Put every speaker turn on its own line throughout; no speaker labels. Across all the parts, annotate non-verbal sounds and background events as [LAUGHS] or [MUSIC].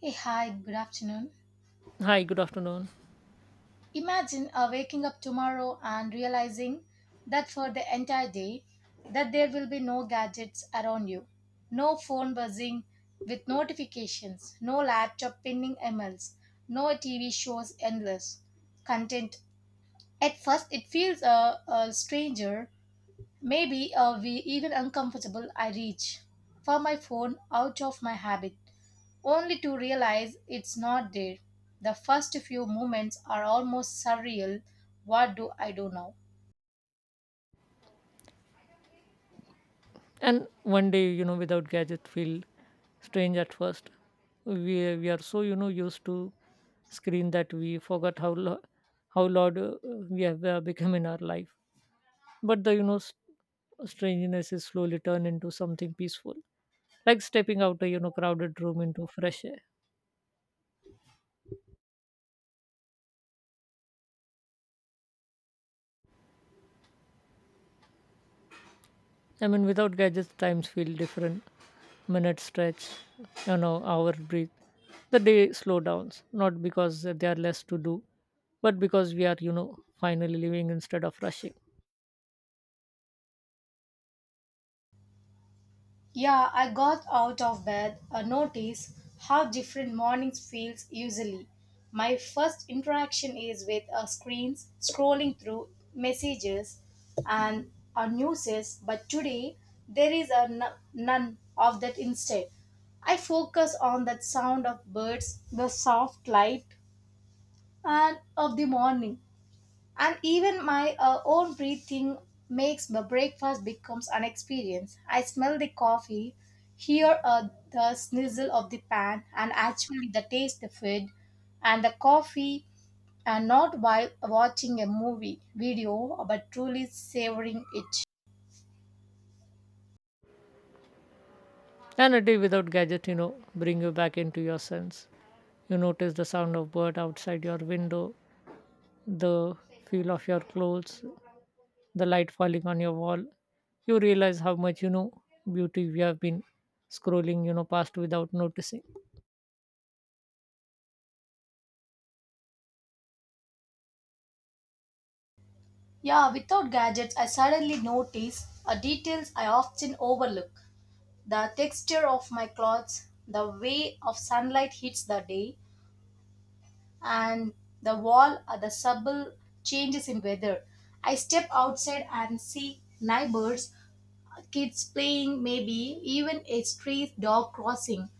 Hey, hi, good afternoon.
Hi, good afternoon.
Imagine waking up tomorrow and realizing that for the entire day that there will be no gadgets around you. No phone buzzing with notifications, no laptop pinging emails, no TV shows endless content. At first it feels a stranger, maybe we even uncomfortable. I reach for my phone out of my habit only to realize it's not there. The first few moments are almost surreal. What do I do now?
And one day, you know, without gadget feel strange at first. We are so used to screen that we forgot how loud we have become in our life. But the you know s strangeness is slowly turned into something peaceful, like stepping out a crowded room into fresh air. I mean, without gadgets, times feel different. Minute stretch, you know, hour breathe. The day slow downs, not because there are less to do, but because we are, you know, finally living instead of rushing.
Yeah, I got out of bed. I notice how different mornings feels usually. My first interaction is with screens, scrolling through messages and newses, but today there is a none of that instead. I focus on that sound of birds, the soft light, and of the morning, and even my own breathing makes the breakfast becomes an experience. I smell the coffee, hear the snizzle of the pan and actually the taste the food and the coffee and not while watching a movie video, but truly savoring it.
And a day without gadget, you know, bring you back into your sense. You notice the sound of bird outside your window, the feel of your clothes, the light falling on your wall. You realize how much, you know, beauty we have been scrolling, you know, past without noticing.
Yeah, without gadgets I suddenly notice details I often overlook, the texture of my clothes, the way of sunlight hits the day, and the wall or the subtle changes in weather. I step outside and see neighbors, kids playing, maybe even a stray dog crossing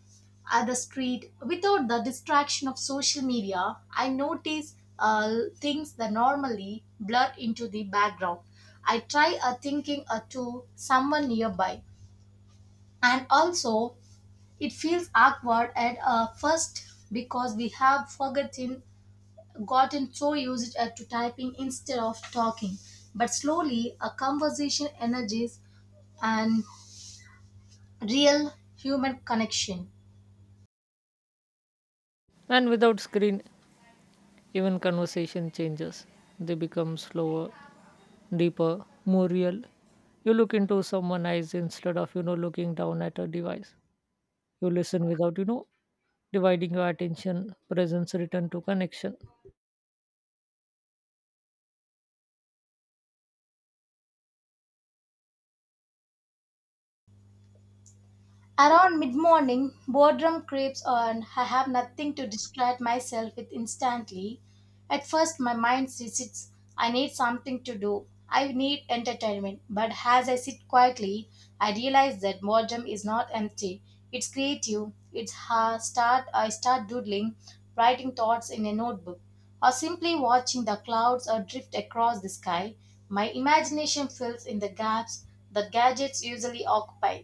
at the street without the distraction of social media. I notice things that normally blur into the background. I try thinking to someone nearby, and also it feels awkward at first because we have forgotten gotten so used to typing instead of talking. But slowly, a conversation energies and real human connection.
And without screen, even conversation changes. They become slower, deeper, more real. You look into someone's eyes instead of, you know, looking down at a device. You listen without, you know, dividing your attention, presence return to connection.
Around mid morning, boredom creeps on. I have nothing to distract myself with instantly. At first, my mind resists. I need something to do. I need entertainment. But as I sit quietly, I realize that boredom is not empty. It's creative. Start. I start doodling, writing thoughts in a notebook, or simply watching the clouds or drift across the sky. My imagination fills in the gaps that gadgets usually occupy.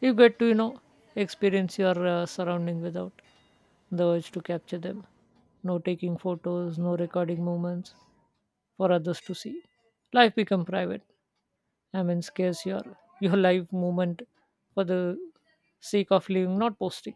You get to, you know, experience your surrounding without the urge to capture them. No taking photos, no recording moments for others to see. Life become private. I mean, scarce your life moment for the sake of living, not posting.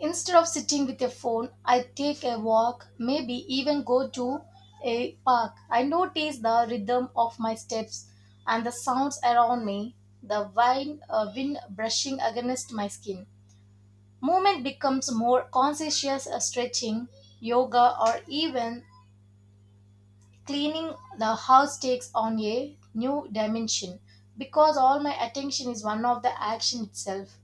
Instead of sitting with a phone, I take a walk, maybe even go to a park. I notice the rhythm of my steps and the sounds around me, the wind, wind brushing against my skin. Movement becomes more conscious, stretching, yoga, or even cleaning the house takes on a new dimension because all my attention is one of the action itself,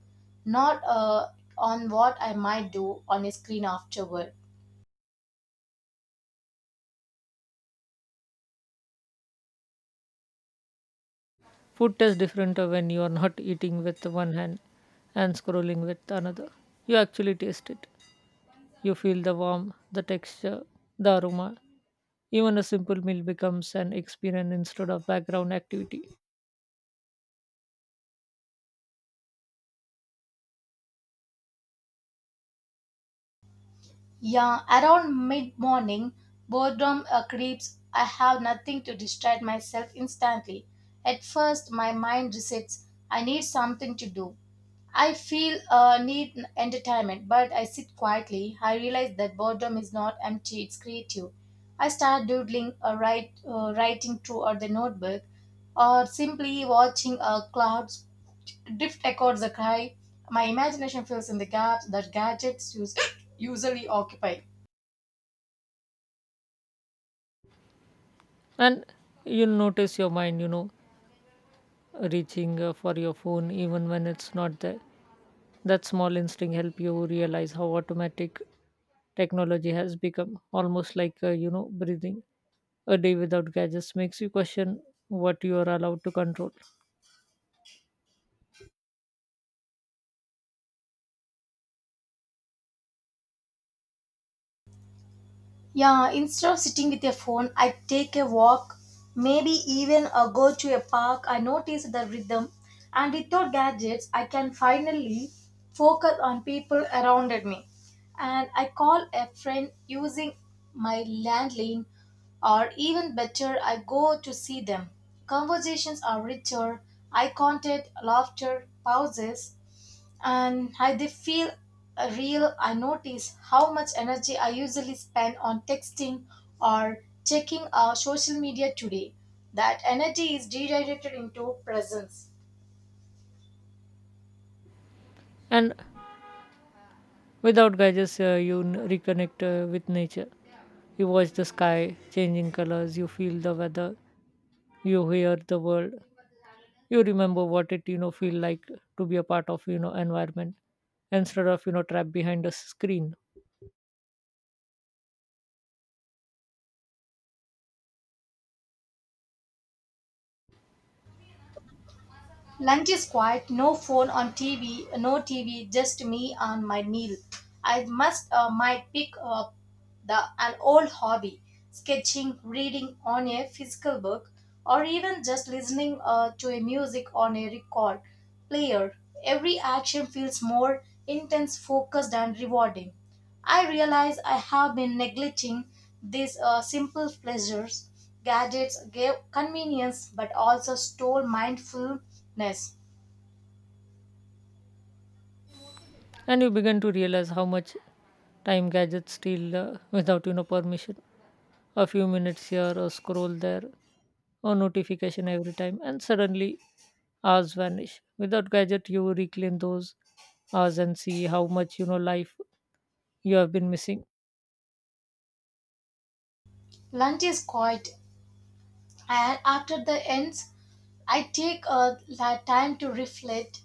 not on what I might do on a screen afterward.
Food tastes different when you are not eating with one hand and scrolling with another. You actually taste it. You feel the warmth, the texture, the aroma. Even a simple meal becomes an experience instead of background activity.
Yeah, around mid morning, boredom creeps. I have nothing to distract myself instantly. At first, my mind resets. I need something to do. I feel need entertainment, but I sit quietly. I realize that boredom is not empty; it's creative. I start doodling, writing through or the notebook, or simply watching clouds drift echoed the cry. My imagination fills in the gaps that gadgets use, usually occupy.
And you'll notice your mind, you know, reaching for your phone even when it's not there. That small instinct help you realize how automatic technology has become, almost like, you know, breathing. A day without gadgets makes you question what you are allowed to control.
Yeah, instead of sitting with a phone, I take a walk, maybe even a go to a park. I notice the rhythm, and without gadgets, I can finally focus on people around me. And I call a friend using my landline, or even better, I go to see them. Conversations are richer, eye contact, laughter, pauses, and how they feel real. I notice how much energy I usually spend on texting or checking our social media today. That energy is redirected into presence.
And without gadgets, reconnect with nature. You watch the sky changing colors, you feel the weather, you hear the world, you remember what it you know feel like to be a part of environment instead of trapped behind a screen.
Lunch is quiet, no phone on TV, no TV, just me and my meal. I must might pick up the an old hobby, sketching, reading on a physical book, or even just listening to a music on a record player. Every action feels more intense, focused, and rewarding. I realize I have been neglecting these simple pleasures. Gadgets gave convenience but also stole mindfulness.
And you begin to realize how much time gadgets steal without you know permission. A few minutes here, a scroll there, or notification every time, and suddenly hours vanish. Without gadget, you reclaim those hours and see how much you know life you have been missing.
Lunch is quiet, and after the ends, I take a time to reflect.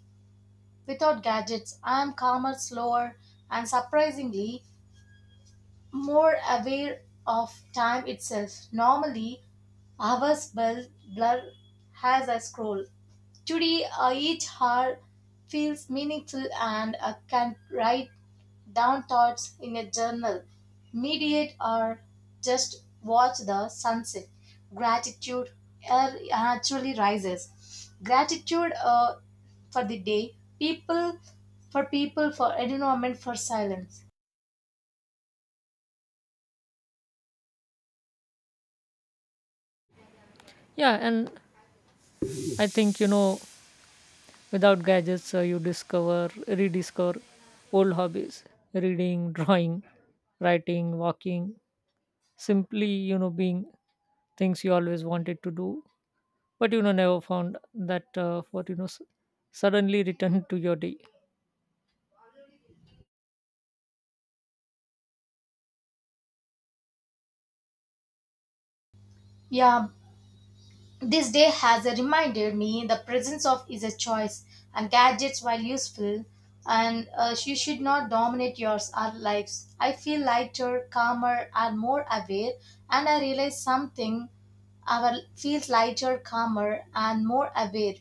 Without gadgets, I am calmer, slower, and surprisingly more aware of time itself. Normally, hours blur, blur as I scroll. Today, each hour feels meaningful and I can write down thoughts in a journal, meditate, or just watch the sunset. Gratitude naturally rises. Gratitude for the day, people for people, for environment, for silence.
Yeah, and I think, you know, without gadgets, you discover rediscover old hobbies: reading, [LAUGHS] drawing, writing, walking, simply you know being. Things you always wanted to do but you know never found that what you know s- suddenly returned to your day.
Yeah, this day has reminded me the presence of is a choice and gadgets while useful and she should not dominate yours our lives. I feel lighter, calmer and more aware and I realize something our feels lighter, calmer and more aware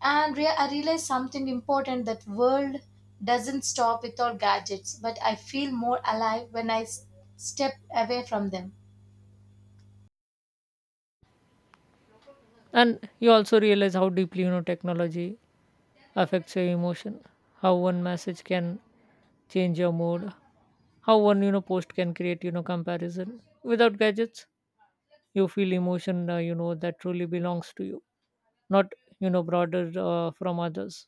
and I realize something important that world doesn't stop with our gadgets, but I feel more alive when I step away from them.
And you also realize how deeply you know technology affects your emotion, how one message can change your mood, how one you know post can create you know comparison. Without gadgets, you feel emotion you know that truly belongs to you, not you know broader from others.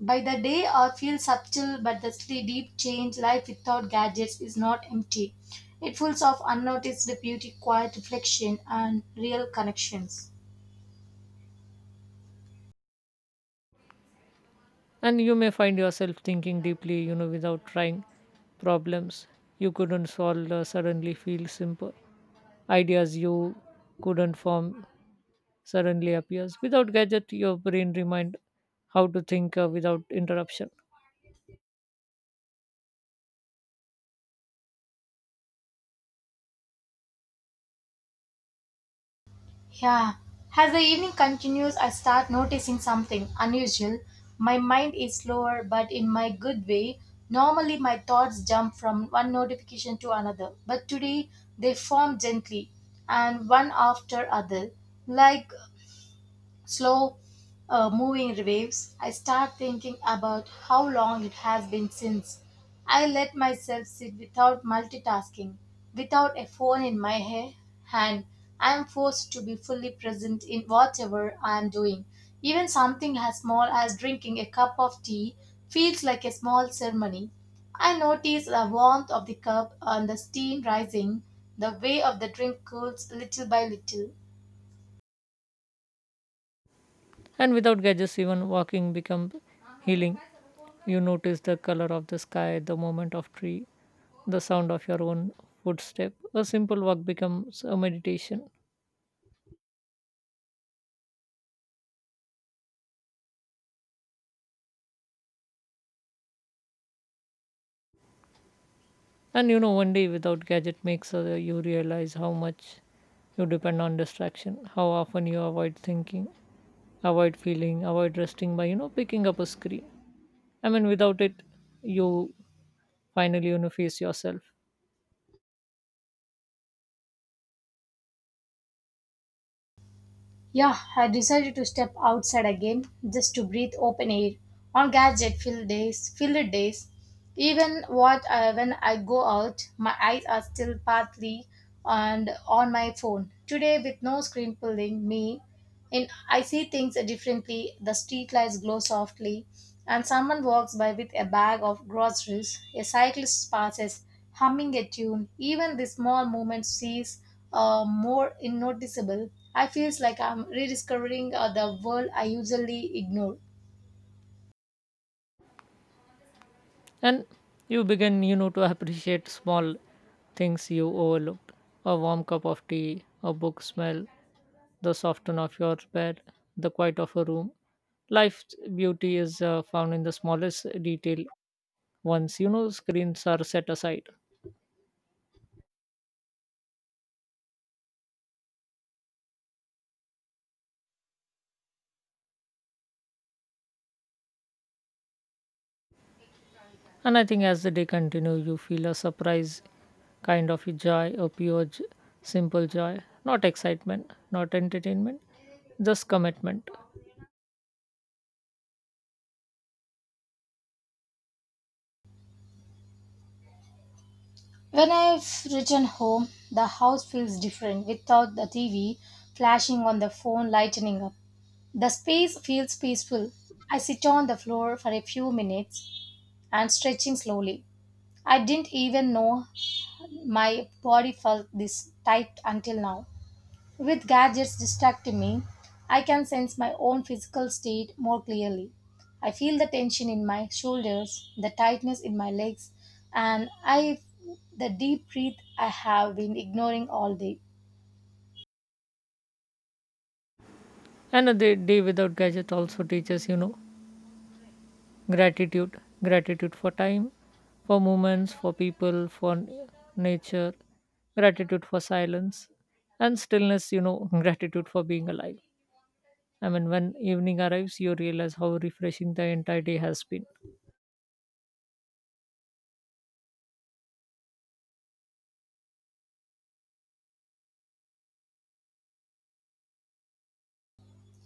By the day, I feel subtle but the deep change life without gadgets is not empty. It full of unnoticed beauty, quiet reflection, and real connections.
And you may find yourself thinking deeply you know without trying. Problems you couldn't solve suddenly feel simple. Ideas you couldn't form suddenly appears. Without gadget, your brain remind how to think without interruption.
Yeah. As the evening continues, I start noticing something unusual. My mind is slower, but in my good way. Normally, my thoughts jump from one notification to another, but today they form gently and one after other, like slow moving waves. I start thinking about how long it has been since I let myself sit without multitasking, without a phone in my hand. I am forced to be fully present in whatever I am doing. Even something as small as drinking a cup of tea feels like a small ceremony. I notice the warmth of the cup and the steam rising, the way of the drink cools little by little.
And without gadgets, even walking become healing. You notice the color of the sky, the movement of tree, the sound of your own footstep. A simple walk becomes a meditation. And you know, one day without gadget makes you realize how much you depend on distraction, how often you avoid thinking, avoid feeling, avoid resting by, you know, picking up a screen. I mean, without it, you finally you know face yourself.
Yeah, I decided to step outside again just to breathe open air. On gadget filled days, even what when I go out, my eyes are still partly and on my phone. Today, with no screen pulling me in, I see things differently. The street lights glow softly, and someone walks by with a bag of groceries. A cyclist passes, humming a tune. Even the small movement sees more noticeable. I feels like I'm rediscovering the world I usually ignore.
And you begin you know to appreciate small things you overlooked: a warm cup of tea, a book smell, the softness of your bed, the quiet of a room. Life's beauty is found in the smallest detail once you know screens are set aside. And I think as the day continues, you feel a surprise kind of joy, a simple joy, not excitement, not entertainment, just commitment.
When I've returned home, the house feels different without the TV flashing on the phone lightening up. The space feels peaceful. I sit on the floor for a few minutes, and stretching slowly. I didn't even know my body felt this tight until now. With gadgets distracting me, I can sense my own physical state more clearly. I feel the tension in my shoulders, the tightness in my legs, and I the deep breath I have been ignoring all day.
Another day without gadget also teaches, you know, gratitude. Gratitude for time, for moments, for people, nature. Gratitude for silence and stillness, you know, [LAUGHS] gratitude for being alive. I mean, when evening arrives, you realize how refreshing the entire day has been.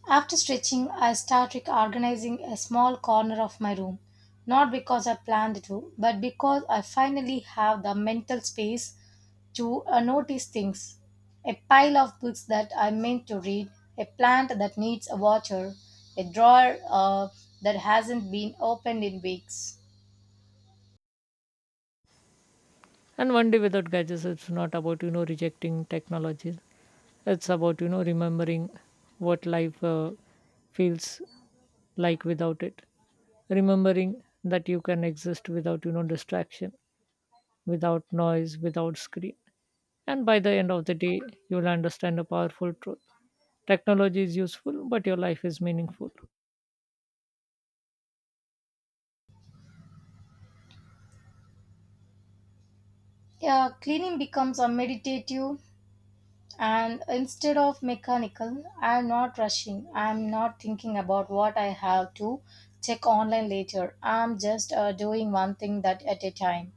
After stretching, I start reorganizing a small corner of my room, not because I planned to, but because I finally have the mental space to notice things. A pile of books that I meant to read, a plant that needs a water, a drawer that hasn't been opened in weeks.
And one day without gadgets, it's not about, you know, rejecting technology. It's about, you know, remembering what life feels like without it, remembering that you can exist without you know distraction, without noise, without screen. And by the end of the day, you'll understand a powerful truth: technology is useful, but your life is meaningful.
Yeah, cleaning becomes a meditative and instead of mechanical. I'm not rushing. I'm not thinking about what I have to check online later. I'm just doing one thing that at a time.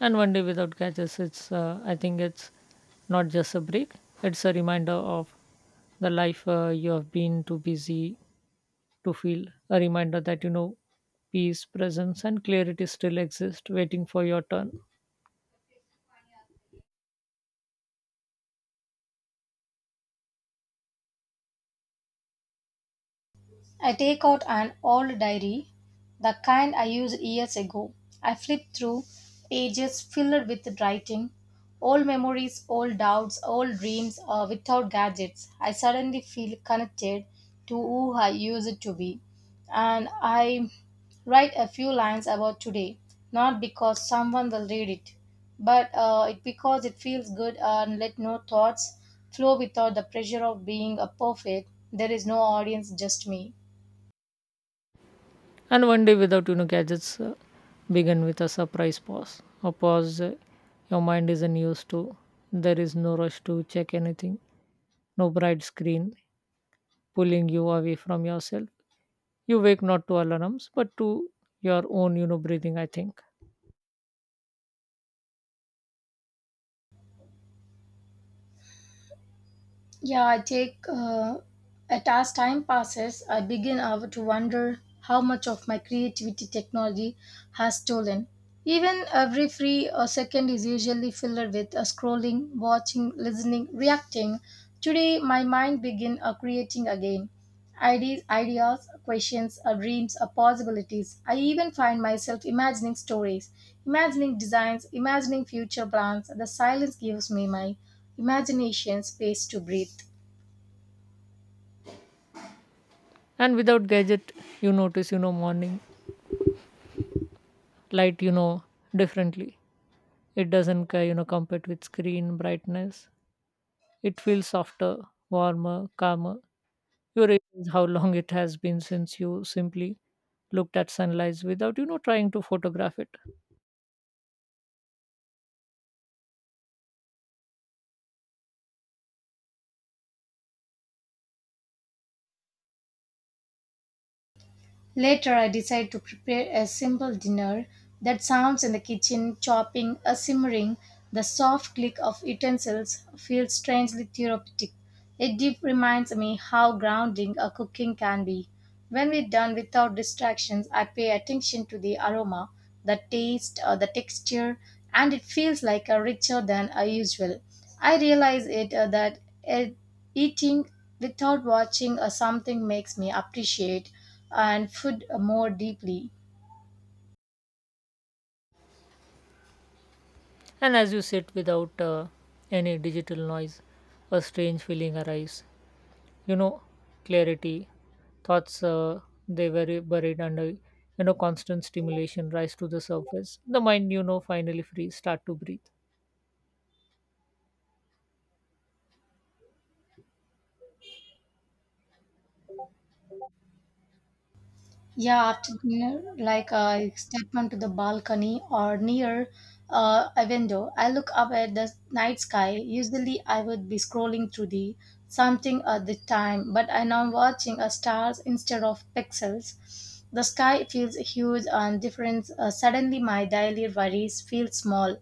And one day without gadgets, it's I think it's not just a break, it's a reminder of the life you have been too busy to feel, a reminder that you know peace, presence, and clarity still exist, waiting for your turn.
I take out an old diary, the kind I used years ago. I flip through pages filled with writing, old memories, old doubts, old dreams without gadgets. I suddenly feel connected to who I used to be. And I write a few lines about today, not because someone will read it, but it because it feels good and let no thoughts flow without the pressure of being a perfect. There is no audience, just me.
And one day without you know gadgets, begin with a surprise pause. A pause your mind isn't used to. There is no rush to check anything. No bright screen pulling you away from yourself. You wake not to alarms, but to your own you know breathing, I think.
Yeah, I take at as time passes, I begin to wonder how much of my creativity technology has stolen. Even every free second is usually filled with scrolling, watching, listening, reacting. Today, my mind begin creating again. Ideas, questions, or dreams, or possibilities. I even find myself imagining stories, imagining designs, imagining future plans. The silence gives me my imagination space to breathe.
And without gadget, you notice you know morning light you know differently. It doesn't you know compete with screen brightness. It feels softer, warmer, calmer. Your age how long it has been since you simply looked at sunrise without, you know, trying to photograph it.
Later, I decide to prepare a simple dinner that sounds in the kitchen, chopping or simmering. The soft click of utensils feels strangely therapeutic. It deep reminds me how grounding a cooking can be. When we're done without distractions, I pay attention to the aroma, the taste, or the texture, and it feels like a richer than a usual. I realize it that uh, eating without watching or something makes me appreciate and food more deeply.
And as you sit without any digital noise, a strange feeling arises. You know, clarity, thoughts, they were buried under, you know, constant stimulation rise to the surface. The mind, you know, finally free, start to breathe.
Yeah, after dinner, I step onto the balcony or near a window. I look up at the night sky. Usually, I would be scrolling through the something at the time, but I now watching a stars instead of pixels. The sky feels huge and different. Suddenly, my daily worries feel small.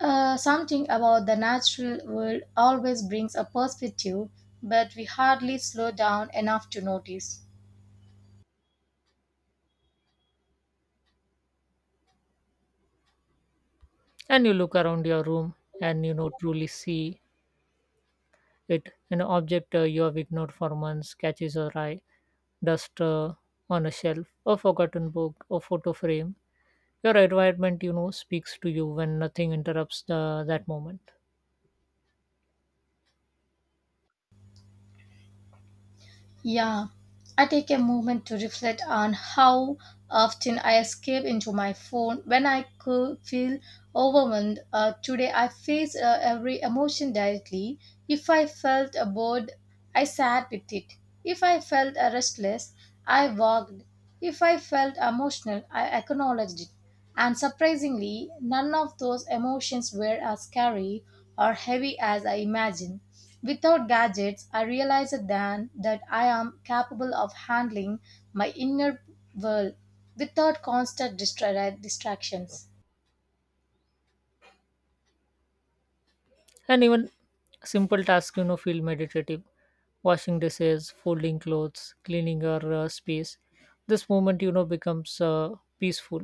Something about the natural world always brings a perspective, but we hardly slow down enough to notice.
And you look around your room and, you know, truly see. It an object you have ignored for months catches your eye, dust on a shelf, a forgotten book, a photo frame. Your environment, you know, speaks to you when nothing interrupts that moment.
Yeah, I take a moment to reflect on how often I escape into my phone when I could feel overwhelmed. Today, I faced every emotion directly. If I felt bored, I sat with it. If I felt restless, I walked. If I felt emotional, I acknowledged it. And surprisingly, none of those emotions were as scary or heavy as I imagined. Without gadgets, I realized then that I am capable of handling my inner world without constant distractions.
And even simple tasks, you know, feel meditative. Washing dishes, folding clothes, cleaning your space. This moment, you know, becomes peaceful,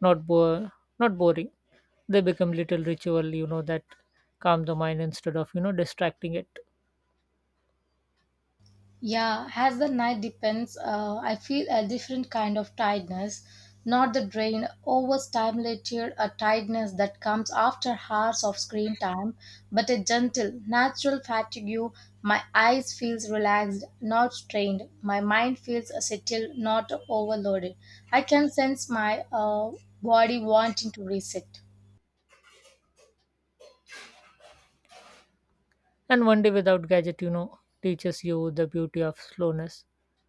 not bo- not boring. They become little ritual, you know, that calm the mind instead of you know distracting it.
Yeah, as the night depends, I feel a different kind of tiredness, not the drain, overstimulated, a tiredness that comes after hours of screen time, but a gentle, natural fatigue. My eyes feels relaxed, not strained. My mind feels settled, not overloaded. I can sense my body wanting to reset.
And one day without gadget, you know, teaches you the beauty of slowness,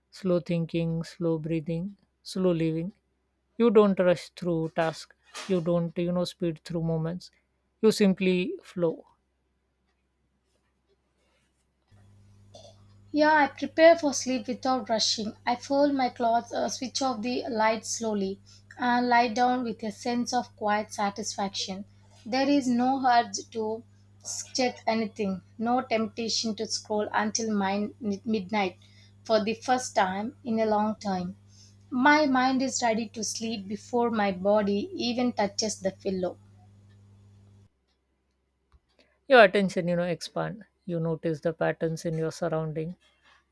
slow thinking, slow breathing, slow living. You don't rush through tasks. You don't, you know, speed through moments. You simply flow.
Yeah, I prepare for sleep without rushing. I fold my clothes, switch off the light slowly, and lie down with a sense of quiet satisfaction. There is no urge to check anything, no temptation to scroll until midnight for the first time in a long time. My mind is ready to sleep before my body even touches the pillow.
Your attention, you know, expand. You notice the patterns in your surrounding,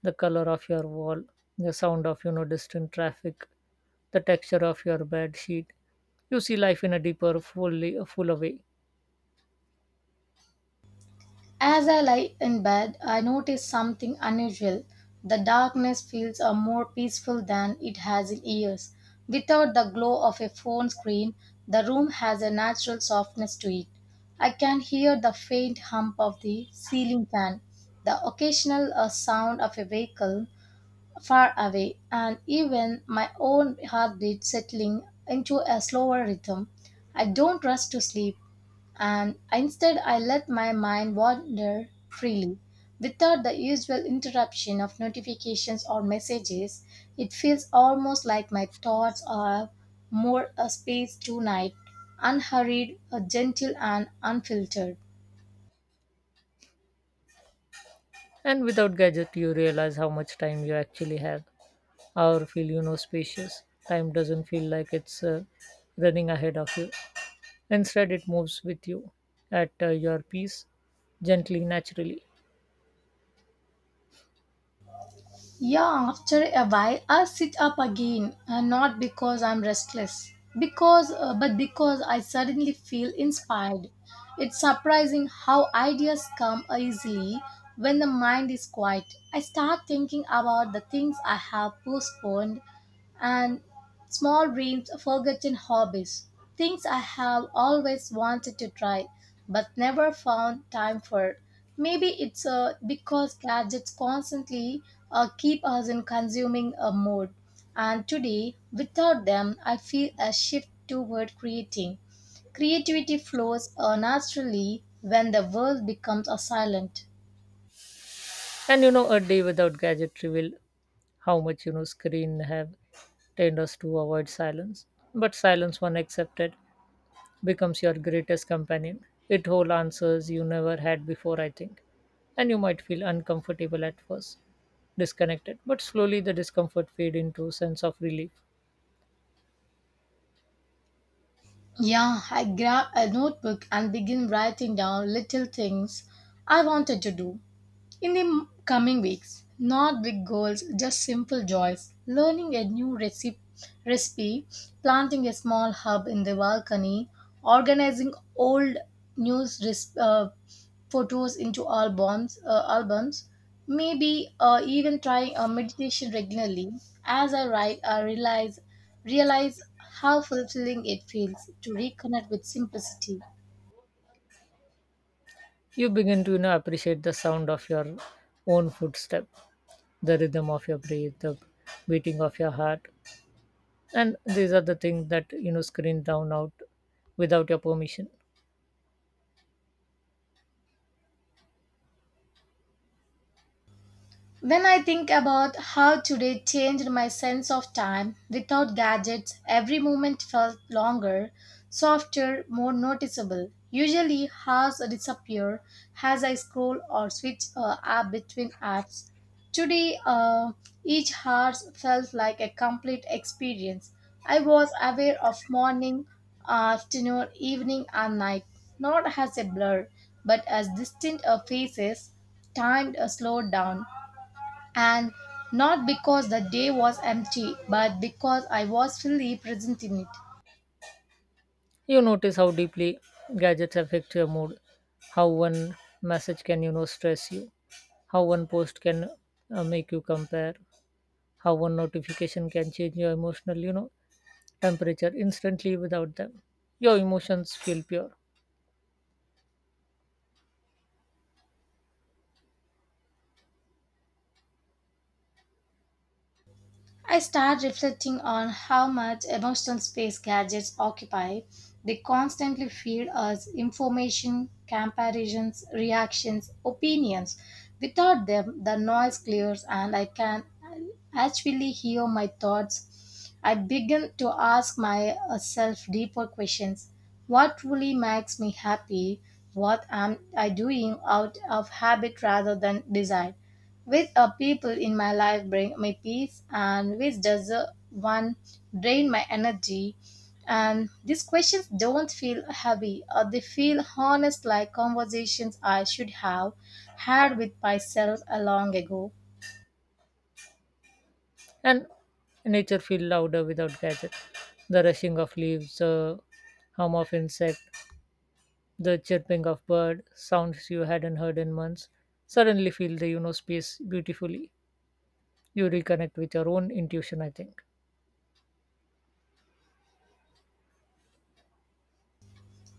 the color of your wall, the sound of, you know, distant traffic, the texture of your bed sheet. You see life in a deeper, fuller way.
As I lie in bed, I notice something unusual. The darkness feels more peaceful than it has in years. Without the glow of a phone screen, the room has a natural softness to it. I can hear the faint hum of the ceiling fan, the occasional sound of a vehicle far away, and even my own heartbeat settling into a slower rhythm. I don't rush to sleep and instead I let my mind wander freely. Without the usual interruption of notifications or messages, it feels almost like my thoughts are more a space tonight, unhurried, a gentle, and unfiltered.
And without gadget, you realize how much time you actually have or feel you know spacious. Time doesn't feel like it's running ahead of you, instead it moves with you at your pace, gently, naturally.
Yeah, after a while I sit up again, and not because I'm restless, because but because I suddenly feel inspired. It's surprising how ideas come easily when the mind is quiet. I start thinking about the things I have postponed and small dreams, forgotten hobbies, things I have always wanted to try but never found time for. Maybe it's because gadgets constantly keep us in consuming a mode, and today, without them, I feel a shift toward creating. Creativity flows naturally when the world becomes a silent.
And you know a day without gadgetry will how much you know screen have trained us to avoid silence. But silence, when accepted, becomes your greatest companion. It whole answers you never had before, I think. And you might feel uncomfortable at first, disconnected, but slowly the discomfort fade into sense of relief.
Yeah, I grab a notebook and begin writing down little things I wanted to do. In the coming weeks, not big goals, just simple joys. Learning a new recipe, planting a small hub in the balcony, organizing old news res- uh, photos into albums. Maybe even trying a meditation regularly. As I write, I realize how fulfilling it feels to reconnect with simplicity.
You begin to you know appreciate the sound of your own footstep, the rhythm of your breath, the beating of your heart. And these are the things that you know screen down out without your permission.
When I think about how today changed my sense of time, without gadgets, every moment felt longer, softer, more noticeable. Usually, hours disappear as I scroll or switch app between apps. Today, each hour felt like a complete experience. I was aware of morning, afternoon, evening, and night, not as a blur, but as distinct phases. Time slowed down and not because the day was empty, but because I was fully present in it.
You notice how deeply gadgets affect your mood, how one message can you know stress you, how one post can make you compare, how one notification can change your emotional you know temperature instantly. Without them, your emotions feel pure.
I start reflecting on how much emotional space gadgets occupy. They constantly feed us information, comparisons, reactions, opinions. Without them, the noise clears and I can actually hear my thoughts. I begin to ask myself deeper questions. What truly makes me happy? What am I doing out of habit rather than desire? Which a people in my life bring me peace, and which does the one drain my energy? And these questions don't feel heavy, or they feel honest, like conversations I should have had with myself a long ago.
And nature feel louder without gadget: the rushing of leaves, the hum of insect, the chirping of bird, sounds you hadn't heard in months suddenly fill the you know space beautifully. You reconnect with your own intuition, I think.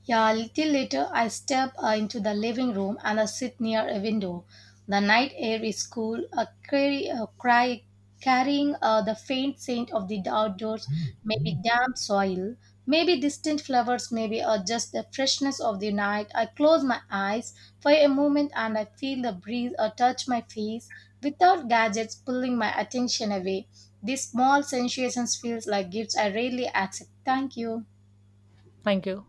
Yeah, a little later, I step into the living room and I sit near a window. The night air is cool, a cry carrying the faint scent of the outdoors, maybe damp soil, maybe distant flowers, maybe just the freshness of the night. I close my eyes for a moment and I feel the breeze touch my face without gadgets pulling my attention away. These small sensations feels like gifts I rarely accept. Thank you.
Thank you.